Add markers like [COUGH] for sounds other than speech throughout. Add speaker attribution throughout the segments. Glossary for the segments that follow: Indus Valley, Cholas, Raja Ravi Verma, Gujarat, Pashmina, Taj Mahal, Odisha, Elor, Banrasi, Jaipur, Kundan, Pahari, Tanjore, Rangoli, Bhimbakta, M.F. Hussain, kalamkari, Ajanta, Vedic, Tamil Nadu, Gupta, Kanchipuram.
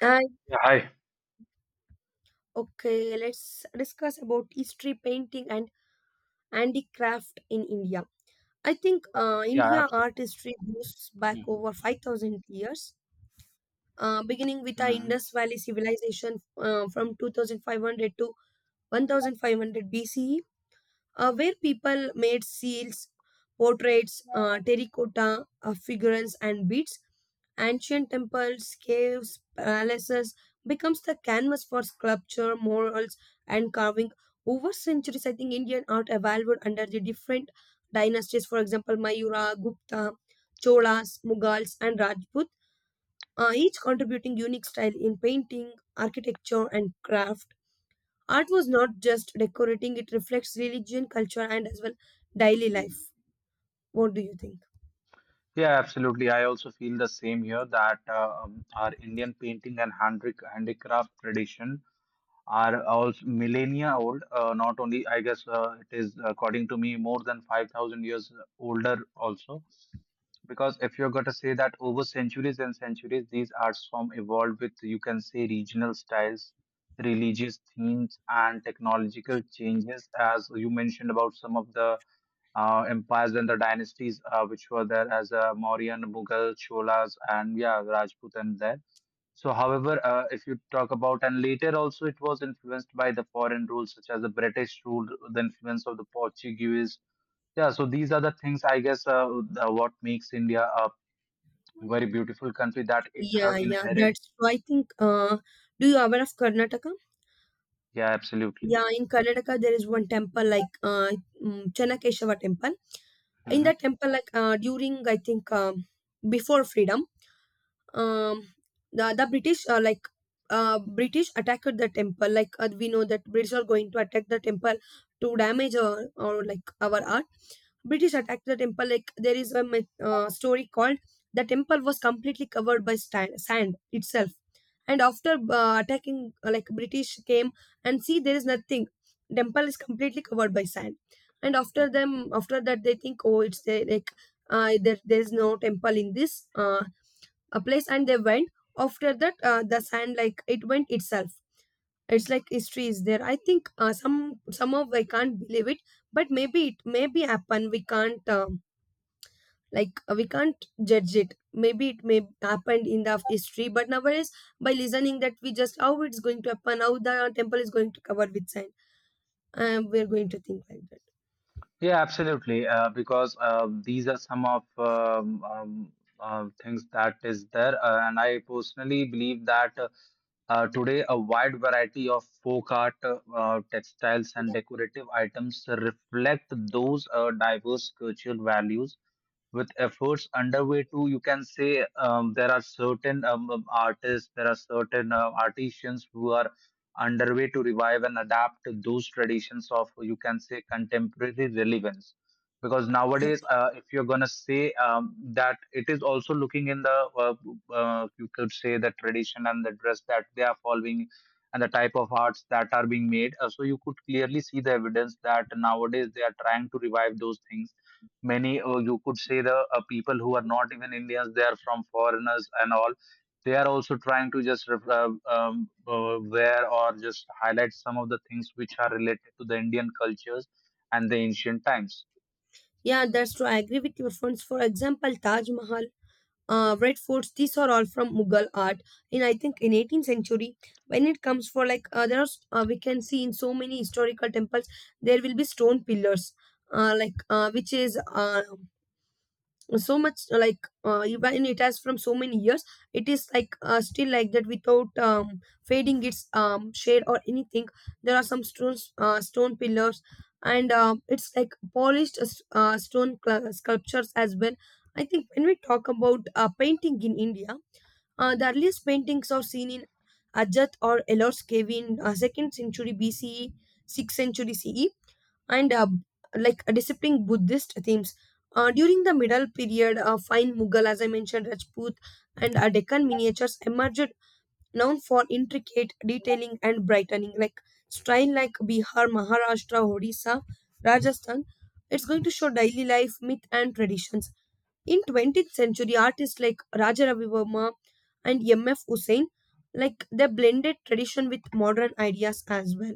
Speaker 1: I
Speaker 2: Yeah, hi.
Speaker 1: Okay, let's discuss about history painting and handicraft in India. I think
Speaker 2: Yeah,
Speaker 1: India art history goes back
Speaker 2: absolutely.
Speaker 1: over 5,000 years, beginning with the
Speaker 2: Mm-hmm.
Speaker 1: Indus Valley civilization from 2500 to 1500 BCE where people made seals, portraits, terracotta figurines, and beads. Ancient temples, caves, palaces becomes the canvas for sculpture, murals, and carving. Over centuries, I think Indian art evolved under the different dynasties. For example, Mayura, Gupta, Cholas, Mughals, and Rajput. Each contributing unique style in painting, architecture, and craft. Art was not just decorating, it reflects religion, culture, and as well daily life. What do you think?
Speaker 2: Yeah, absolutely. I also feel the same here that our Indian painting and handicraft tradition are also millennia old. Not only, I guess, it is according to me more than 5,000 years older also. Because if you're going to say that over centuries and centuries, these arts form evolved with, you can say, regional styles, religious themes, and technological changes, as you mentioned about some of the empires and the dynasties which were there as Mauryan, Mughal, Cholas, and yeah, Rajput and there. So, however, if you talk about and later also it was influenced by the foreign rules such as the British rule, the influence of the Portuguese. Yeah, so these are the things I guess the, what makes India a very beautiful country that it have
Speaker 1: Yeah, yeah,
Speaker 2: inherited.
Speaker 1: that's true. I think, do you aware of Karnataka?
Speaker 2: Yeah, absolutely.
Speaker 1: Yeah, in Karnataka, there is one temple like Channakeshava temple. In that
Speaker 2: Hmm.
Speaker 1: temple, like during, I think, before freedom, um the british british attacked the temple like we know that british are going to attack the temple to damage or like our art british attacked the temple like there is a story called the temple was completely covered by sand itself and after attacking like british came and see there is nothing temple is completely covered by sand and after that they think oh it's there like there is no temple in this a place and they went after that the sand like it went itself it's like history is there I think some of I can't believe it but maybe it may be happen we can't we can't judge it maybe it may happened in the history but nowadays by listening that we just how it's going to happen how the temple is going to cover with sand we're going to think like that
Speaker 2: Yeah, absolutely. Because these are some of things that is there, and I personally believe that today a wide variety of folk art, textiles, and decorative items reflect those diverse cultural values with efforts underway too, you can say, there are certain artists, there are certain artisans who are underway to revive and adapt to those traditions of, you can say, contemporary relevance. Because nowadays, if you're going to say that it is also looking in the you could say the tradition and the dress that they are following and the type of arts that are being made. So you could clearly see the evidence that nowadays they are trying to revive those things. Many you could say the people who are not even Indians, they are from foreigners and all, they are also trying to just wear or just highlight some of the things which are related to the Indian cultures and the ancient times.
Speaker 1: yeah that's true I agree with your friends for example taj mahal red forts these are all from mughal art in I think in 18th century when it comes for like we can see in so many historical temples there will be stone pillars like which is so much like even it has from so many years it is like still like that without fading its shade or anything there are some stone pillars and it's like polished stone sculptures as well I think when we talk about painting in india the earliest paintings are seen in ajat or elor's cave in 2nd century bce 6th century ce and like disciplined Buddhist themes. During the middle period, fine Mughal, as I mentioned, Rajput and Deccan miniatures emerged, known for intricate detailing and brightening, like style like Bihar, Maharashtra, Odisha, Rajasthan. It's going to show daily life, myth, and traditions. In 20th century, artists like Raja Ravi Verma and M.F. Hussain, like they blended tradition with modern ideas as well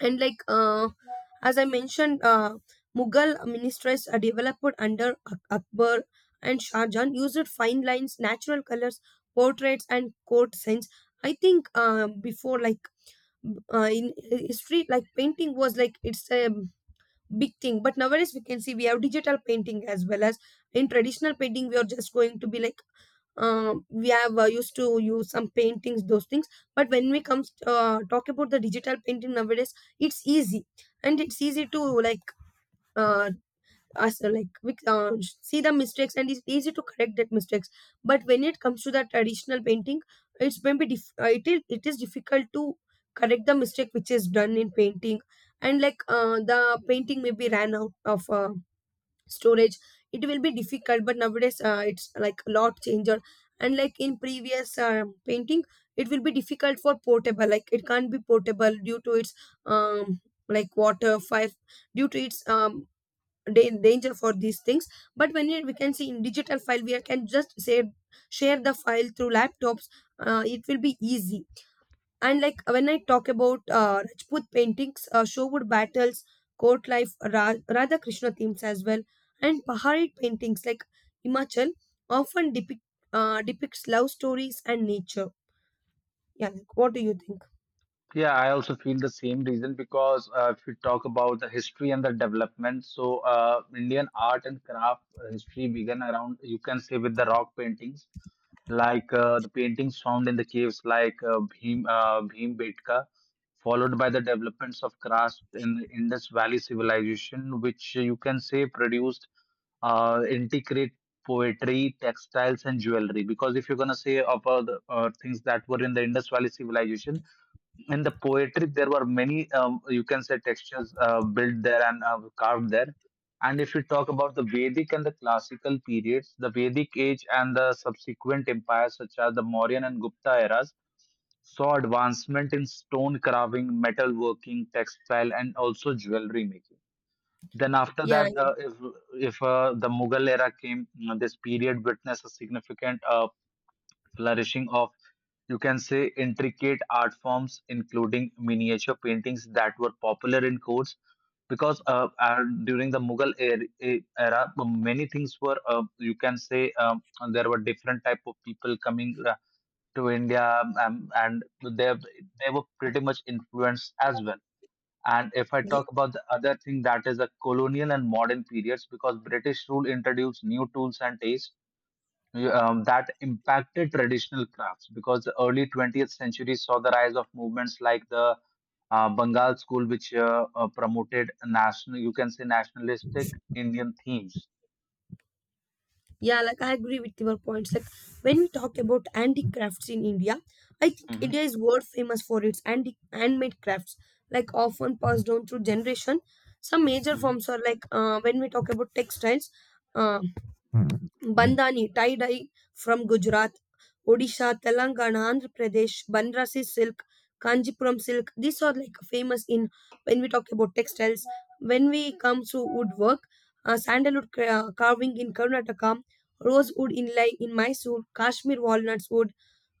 Speaker 1: and like as I mentioned mughal ministries are developed under akbar and shah jahan used fine lines natural colors portraits and court scenes I think before like in history like painting was like it's a big thing but nowadays we can see we have digital painting as well as in traditional painting we are just going to be like we have used to use some paintings those things but when we comes talk about the digital painting nowadays it's easy and it's easy to like uh, us uh, like we, uh, see the mistakes and it's easy to correct that mistakes but when it comes to the traditional painting it's maybe it is difficult to correct the mistake which is done in painting and like the painting maybe ran out of storage it will be difficult but nowadays it's like a lot changer and like in previous painting it will be difficult for portable like it can't be portable due to its um like water fire due to its danger for these things but when it, we can see in digital file we can just save share the file through laptops it will be easy and like when I talk about Rajput paintings, Showood battles, court life, Radha Krishna themes as well, and Pahari paintings like Himachal often depicts love stories and nature. Yeah, like, what do you think?
Speaker 2: Yeah, I also feel the same reason, because if we talk about the history and the development, so Indian art and craft history began around, you can say, with the rock paintings, like the paintings found in the caves, like Bhim Betka, followed by the developments of crafts in the Indus Valley civilization, which, you can say, produced intricate poetry, textiles, and jewelry. Because if you're gonna say about the things that were in the Indus Valley civilization, in the poetry there were many, you can say, textures built there and carved there. And if we talk about the vedic and the classical periods, the vedic age and the subsequent empires such as the Mauryan and Gupta eras saw advancement in stone carving, metalworking, textile, and also jewelry making. Then after
Speaker 1: Yeah.
Speaker 2: that, if the Mughal era came, you know, this period witnessed a significant flourishing of, you can say, intricate art forms including miniature paintings that were popular in courts. Because during the Mughal era, many things were, you can say, there were different type of people coming to India, and they they were pretty much influenced as well. And if I talk about the other thing, that is the colonial and modern periods, because British rule introduced new tools and tastes, that impacted traditional crafts. Because the early 20th century saw the rise of movements like the Bengal School, which promoted national, you can say, nationalistic Indian themes.
Speaker 1: Yeah, like I agree with your points. Like when we talk about handicrafts in India, I think
Speaker 2: Hmm.
Speaker 1: India is world famous for its handmade crafts, like often passed down through generation. Some major
Speaker 2: Hmm.
Speaker 1: forms are like when we talk about textiles, uh, bandhani, tie dye from Gujarat, Odisha, Telangana, Andhra Pradesh, Banrasi silk, Kanjipuram silk. These are like famous in when we talk about textiles. When we come to woodwork, carving in Karnataka, rosewood inlay in Mysore, Kashmir walnuts wood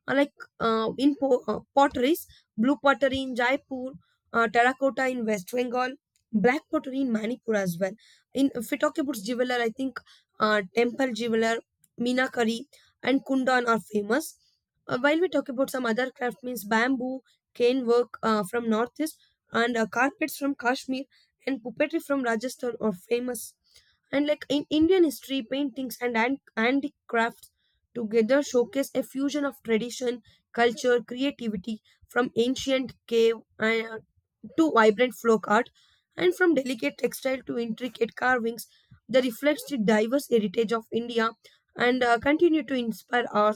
Speaker 1: uh, like potteries, blue pottery in Jaipur, terracotta in West Bengal, black pottery in Manipur as well. In if we talk about jeweler, I think temple jeweler, Meenakari and Kundan are famous. While we talk about some other craft means bamboo, cane work from northeast and carpets from Kashmir and puppetry from Rajasthan are famous. And like in Indian history, paintings and handicraft together showcase a fusion of tradition, culture, creativity from ancient cave to vibrant folk art and from delicate textile to intricate carvings that reflects the diverse heritage of India and continue to inspire our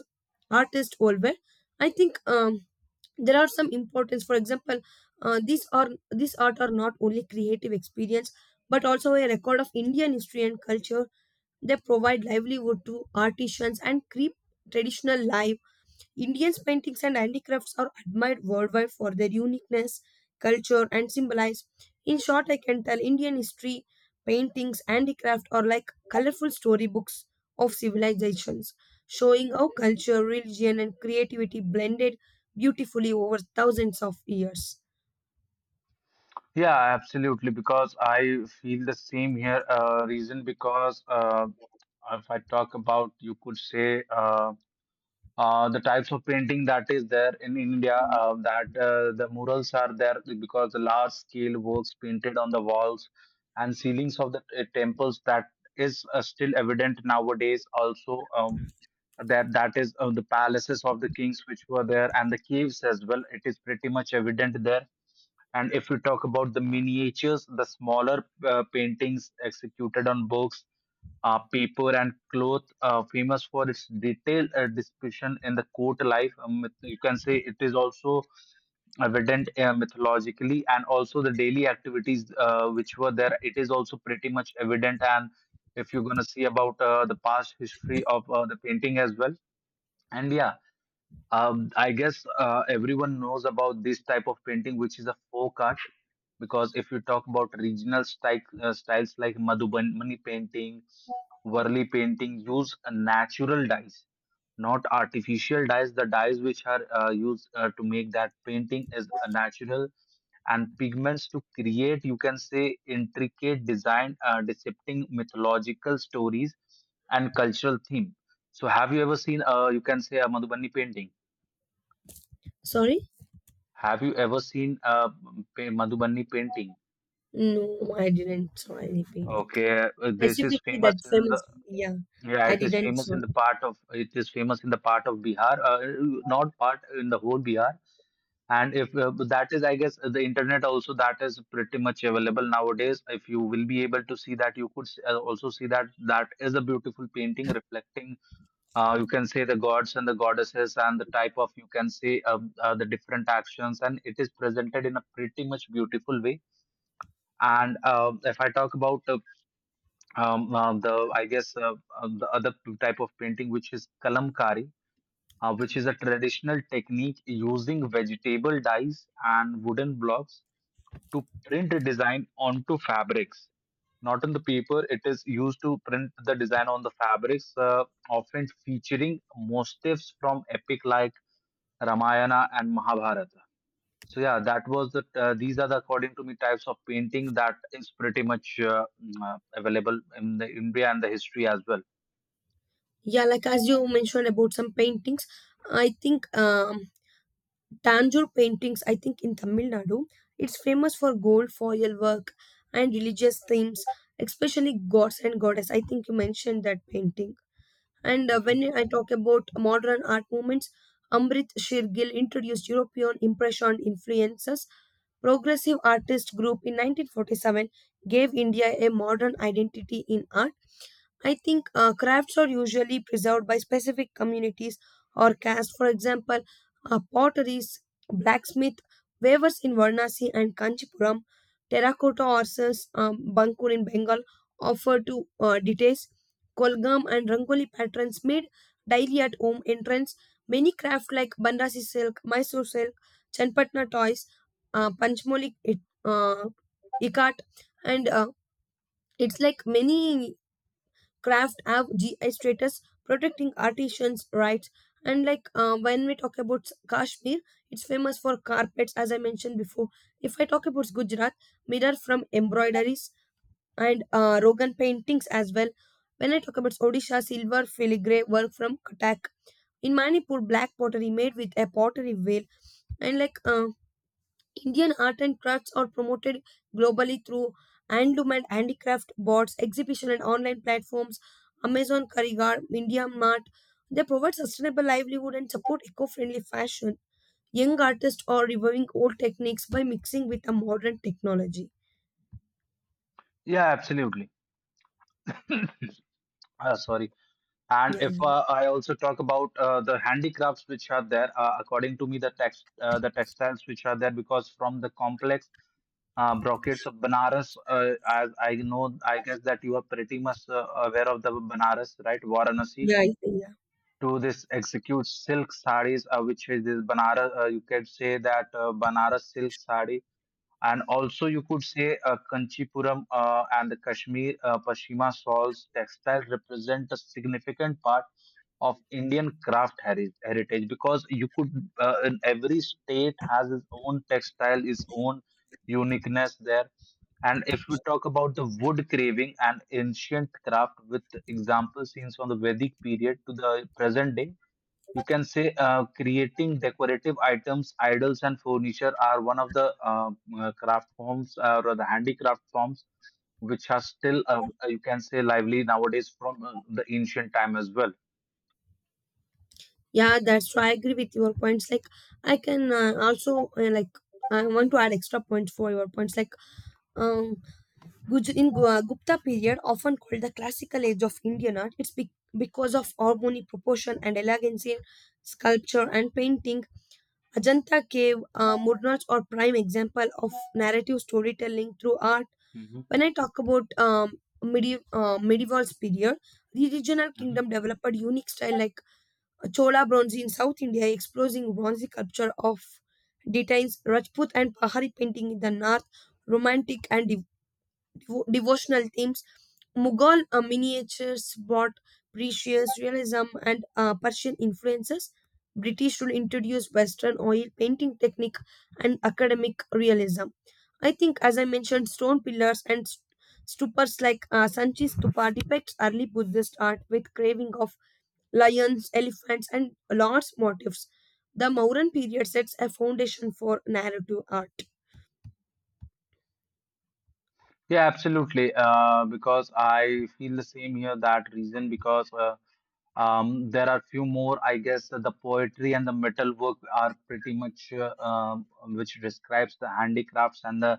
Speaker 1: artists worldwide. I think there are some importance. For example, these art are not only creative experience but also a record of Indian history and culture they provide livelihood to artisans and keep traditional life. Indians' paintings and handicrafts are admired worldwide for their uniqueness, culture, and symbolize. In short, I can tell Indian history, paintings, handicraft are like colorful storybooks of civilizations, showing how culture, religion, and creativity blended beautifully over thousands of years.
Speaker 2: Yeah, absolutely. Because I feel the same here. Reason because if I talk about, you could say, the types of painting that is there in India, that the murals are there because the large scale works painted on the walls and ceilings of the temples that is still evident nowadays. Also, that that is the palaces of the kings which were there and the caves as well. It is pretty much evident there. And if we talk about the miniatures, the smaller paintings executed on books, paper, and cloth, famous for its detailed description in the court life. It- you can say it is also evident mythologically, and also the daily activities which were there. It is also pretty much evident. And if you're gonna see about the past history of the painting as well, and yeah, I guess everyone knows about this type of painting, which is a folk art. Because if you talk about regional style, styles like Madhubani painting, Varli painting, use natural dyes, not artificial dyes. The dyes which are used to make that painting is natural, and pigments to create, you can say, intricate design, depicting mythological stories and cultural theme. So, have you ever seen, you can say, a Madhubani painting?
Speaker 1: Sorry?
Speaker 2: Have you ever seen a Madhubani painting?
Speaker 1: No, I didn't saw anything like
Speaker 2: Okay, this is
Speaker 1: specifically
Speaker 2: famous
Speaker 1: that
Speaker 2: in the,
Speaker 1: famous. Yeah,
Speaker 2: yeah,
Speaker 1: I
Speaker 2: it is
Speaker 1: didn't
Speaker 2: famous
Speaker 1: saw.
Speaker 2: in the part of, it is famous in the part of Bihar, not part in the whole Bihar. And if that is, I guess, the internet also, that is pretty much available nowadays. If you will be able to see that, also see that that is a beautiful painting reflecting, you can say, the gods and the goddesses and the type of, you can say, the different actions. And it is presented in a pretty much beautiful way. And if I talk about um, uh, the, I guess, uh, the other type of painting, which is kalamkari, which is a traditional technique using vegetable dyes and wooden blocks to print a design onto fabrics. Not on the paper, it is used to print the design on the fabrics, often featuring motifs from epic like Ramayana and Mahabharata. So yeah, that was the these are the, according to me, types of painting that is pretty much available in the India and the history as well.
Speaker 1: Yeah, like as you mentioned about some paintings, I think Tanjore paintings, I think in Tamil Nadu, it's famous for gold foil work and religious themes, especially gods and goddess. I think you mentioned that painting. And
Speaker 2: Mhm.
Speaker 1: when I talk about modern art movements, Amrit Shirgil introduced European Impression influences. Progressive Artist Group in 1947 gave India a modern identity in art. I think crafts are usually preserved by specific communities or castes. For example, potteries, blacksmith, weavers in Varanasi and Kanchipuram, terracotta artisans, Bankur in Bengal offer to details. Kolgam and Rangoli patterns made daily at home entrance. Many crafts like Banrasi silk, Mysore silk, Chanpatna toys, Panchmoli it, uh, ikat, and it's like many craft have GI status, protecting artisans' rights. And like when we talk about Kashmir, it's famous for carpets, as I mentioned before. If I talk about Gujarat, mirror from embroideries and Rogan paintings as well. When I talk about Odisha, silver filigree work from Katak. In Manipur, black pottery made with a pottery wheel. And like Indian art and crafts are promoted globally through hand to handicraft boards, exhibition and online platforms, Amazon Karigar, India Mart. They provide sustainable livelihood and support eco-friendly fashion. Young artists are reviving old techniques by mixing with a modern technology.
Speaker 2: Yeah, absolutely. [COUGHS] Sorry. And
Speaker 1: Yeah,
Speaker 2: if
Speaker 1: yeah, yeah.
Speaker 2: I also talk about the handicrafts which are there, according to me, the textiles which are there because from the complex brocades of Banaras, as I know, I guess that you are pretty much aware of the Banaras, right? Varanasi
Speaker 1: Yeah, I yeah.
Speaker 2: to this execute silk sarees, which is this Banaras. You can say that Banaras silk saree, and also, you could say, Kanchipuram and the Kashmir Pashmina shawls textiles represent a significant part of Indian heritage. Because you could, in every state has its own textile, its own uniqueness there. And if we talk about the wood carving and ancient craft with example scenes from the Vedic period to the present day, you can say creating decorative items, idols, and furniture are one of the craft forms or the handicraft forms which are still you can say lively nowadays from the ancient time as well.
Speaker 1: Yeah, that's true. I agree with your points. Like, I can also like I want to add extra points for your points. Like, um, Gupta period, often called the classical age of Indian art, because of harmony, proportion, and elegance in sculpture and painting. Ajanta Cave, Murnars are prime example of narrative storytelling through art.
Speaker 2: Mhm,
Speaker 1: When I talk about medieval period, the regional
Speaker 2: mhm.
Speaker 1: kingdom developed unique style like Chola bronze in South India, exposing bronze culture of details, Rajput and Pahari painting in the north, romantic and devotional themes. Mughal miniatures brought precious realism and Persian influences. British rule introduced Western oil painting technique and academic realism. I think, as I mentioned, stone pillars and stupas like Sanchi Stupa depicts early Buddhist art with craving of lions, elephants, and large motifs. The Mauryan period sets a foundation for narrative art.
Speaker 2: Yeah, absolutely. Because I feel the same here, that reason, because there are few more, I guess, the poetry and the metal work are pretty much which describes the handicrafts and the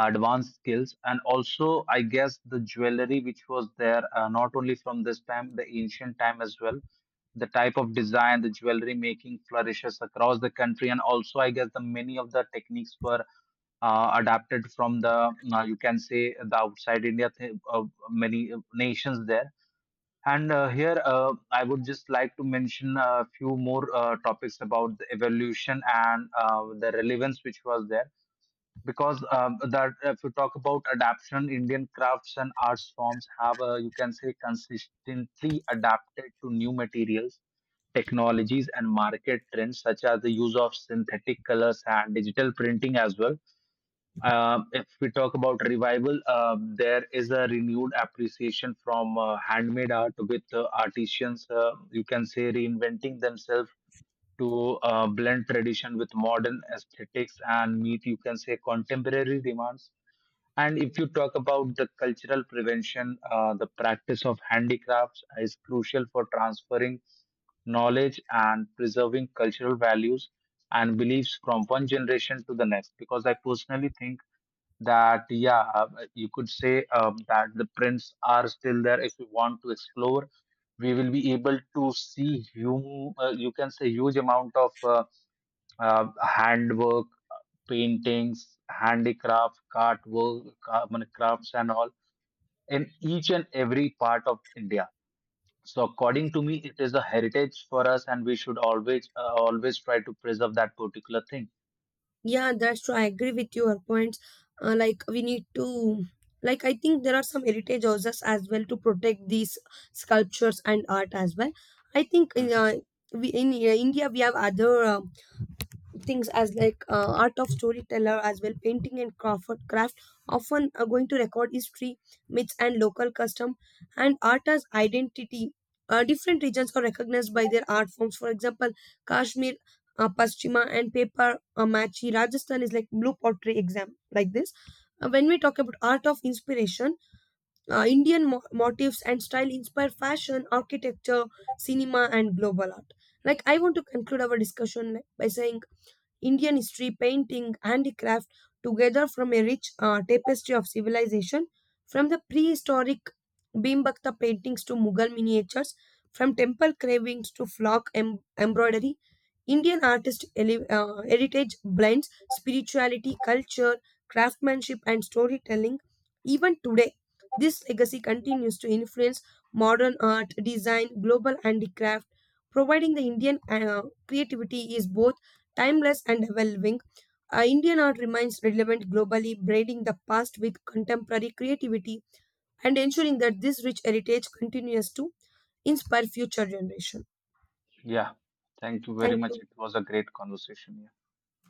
Speaker 2: advanced skills. And also I guess the jewelry which was there, not only from this time, the ancient time as well. The type of design, the jewelry making flourishes across the country. And also I guess the many of the techniques were adapted from the you can say the outside India, many nations there. And here I would just like to mention a few more topics about the evolution and the relevance which was there. Because that if you talk about adaptation, Indian crafts and arts forms have, you can say, consistently adapted to new materials, technologies, and market trends, such as the use of synthetic colors and digital printing as well. If we talk about revival, there is a renewed appreciation from handmade art with artisans you can say reinventing themselves to blend tradition with modern aesthetics and meet, you can say, contemporary demands. And if you talk about the cultural prevention, the practice of handicrafts is crucial for transferring knowledge and preserving cultural values and beliefs from one generation to the next. Because I personally think that, yeah, you could say, that the prints are still there. If you want to explore, we will be able to see you can say huge amount of handwork, paintings, handicraft, I mean, crafts and all in each and every part of India. So according to me, it is a heritage for us, and we should always always try to preserve that particular thing.
Speaker 1: Yeah, that's true. I agree with your points. Uh, like we need to, like I think there are some heritage houses as well to protect these sculptures and art as well. I think in
Speaker 2: Mhm.
Speaker 1: we in India we have other things as like art of storyteller as well painting and craft often are going to record history myths and local custom and art as identity different regions are recognized by their art forms for example kashmir paschima and paper machi rajasthan is like blue pottery exam like this. When we talk about art of inspiration indian motifs and style inspire fashion architecture cinema and global art like I want to conclude our discussion like, by saying Indian history, painting, handicraft together from a rich tapestry of civilization, from the prehistoric Bhimbakta paintings to Mughal miniatures, from temple carvings to flock embroidery. Indian artist heritage blends spirituality, culture, craftsmanship, and storytelling. Even today, this legacy continues to influence modern art, design, global handicraft, providing the Indian creativity is both timeless and evolving, Indian art remains relevant globally, braiding the past with contemporary creativity and ensuring that this rich heritage continues to inspire future generations.
Speaker 2: Yeah, thank you very
Speaker 1: Thank
Speaker 2: much.
Speaker 1: you.
Speaker 2: It was a great conversation.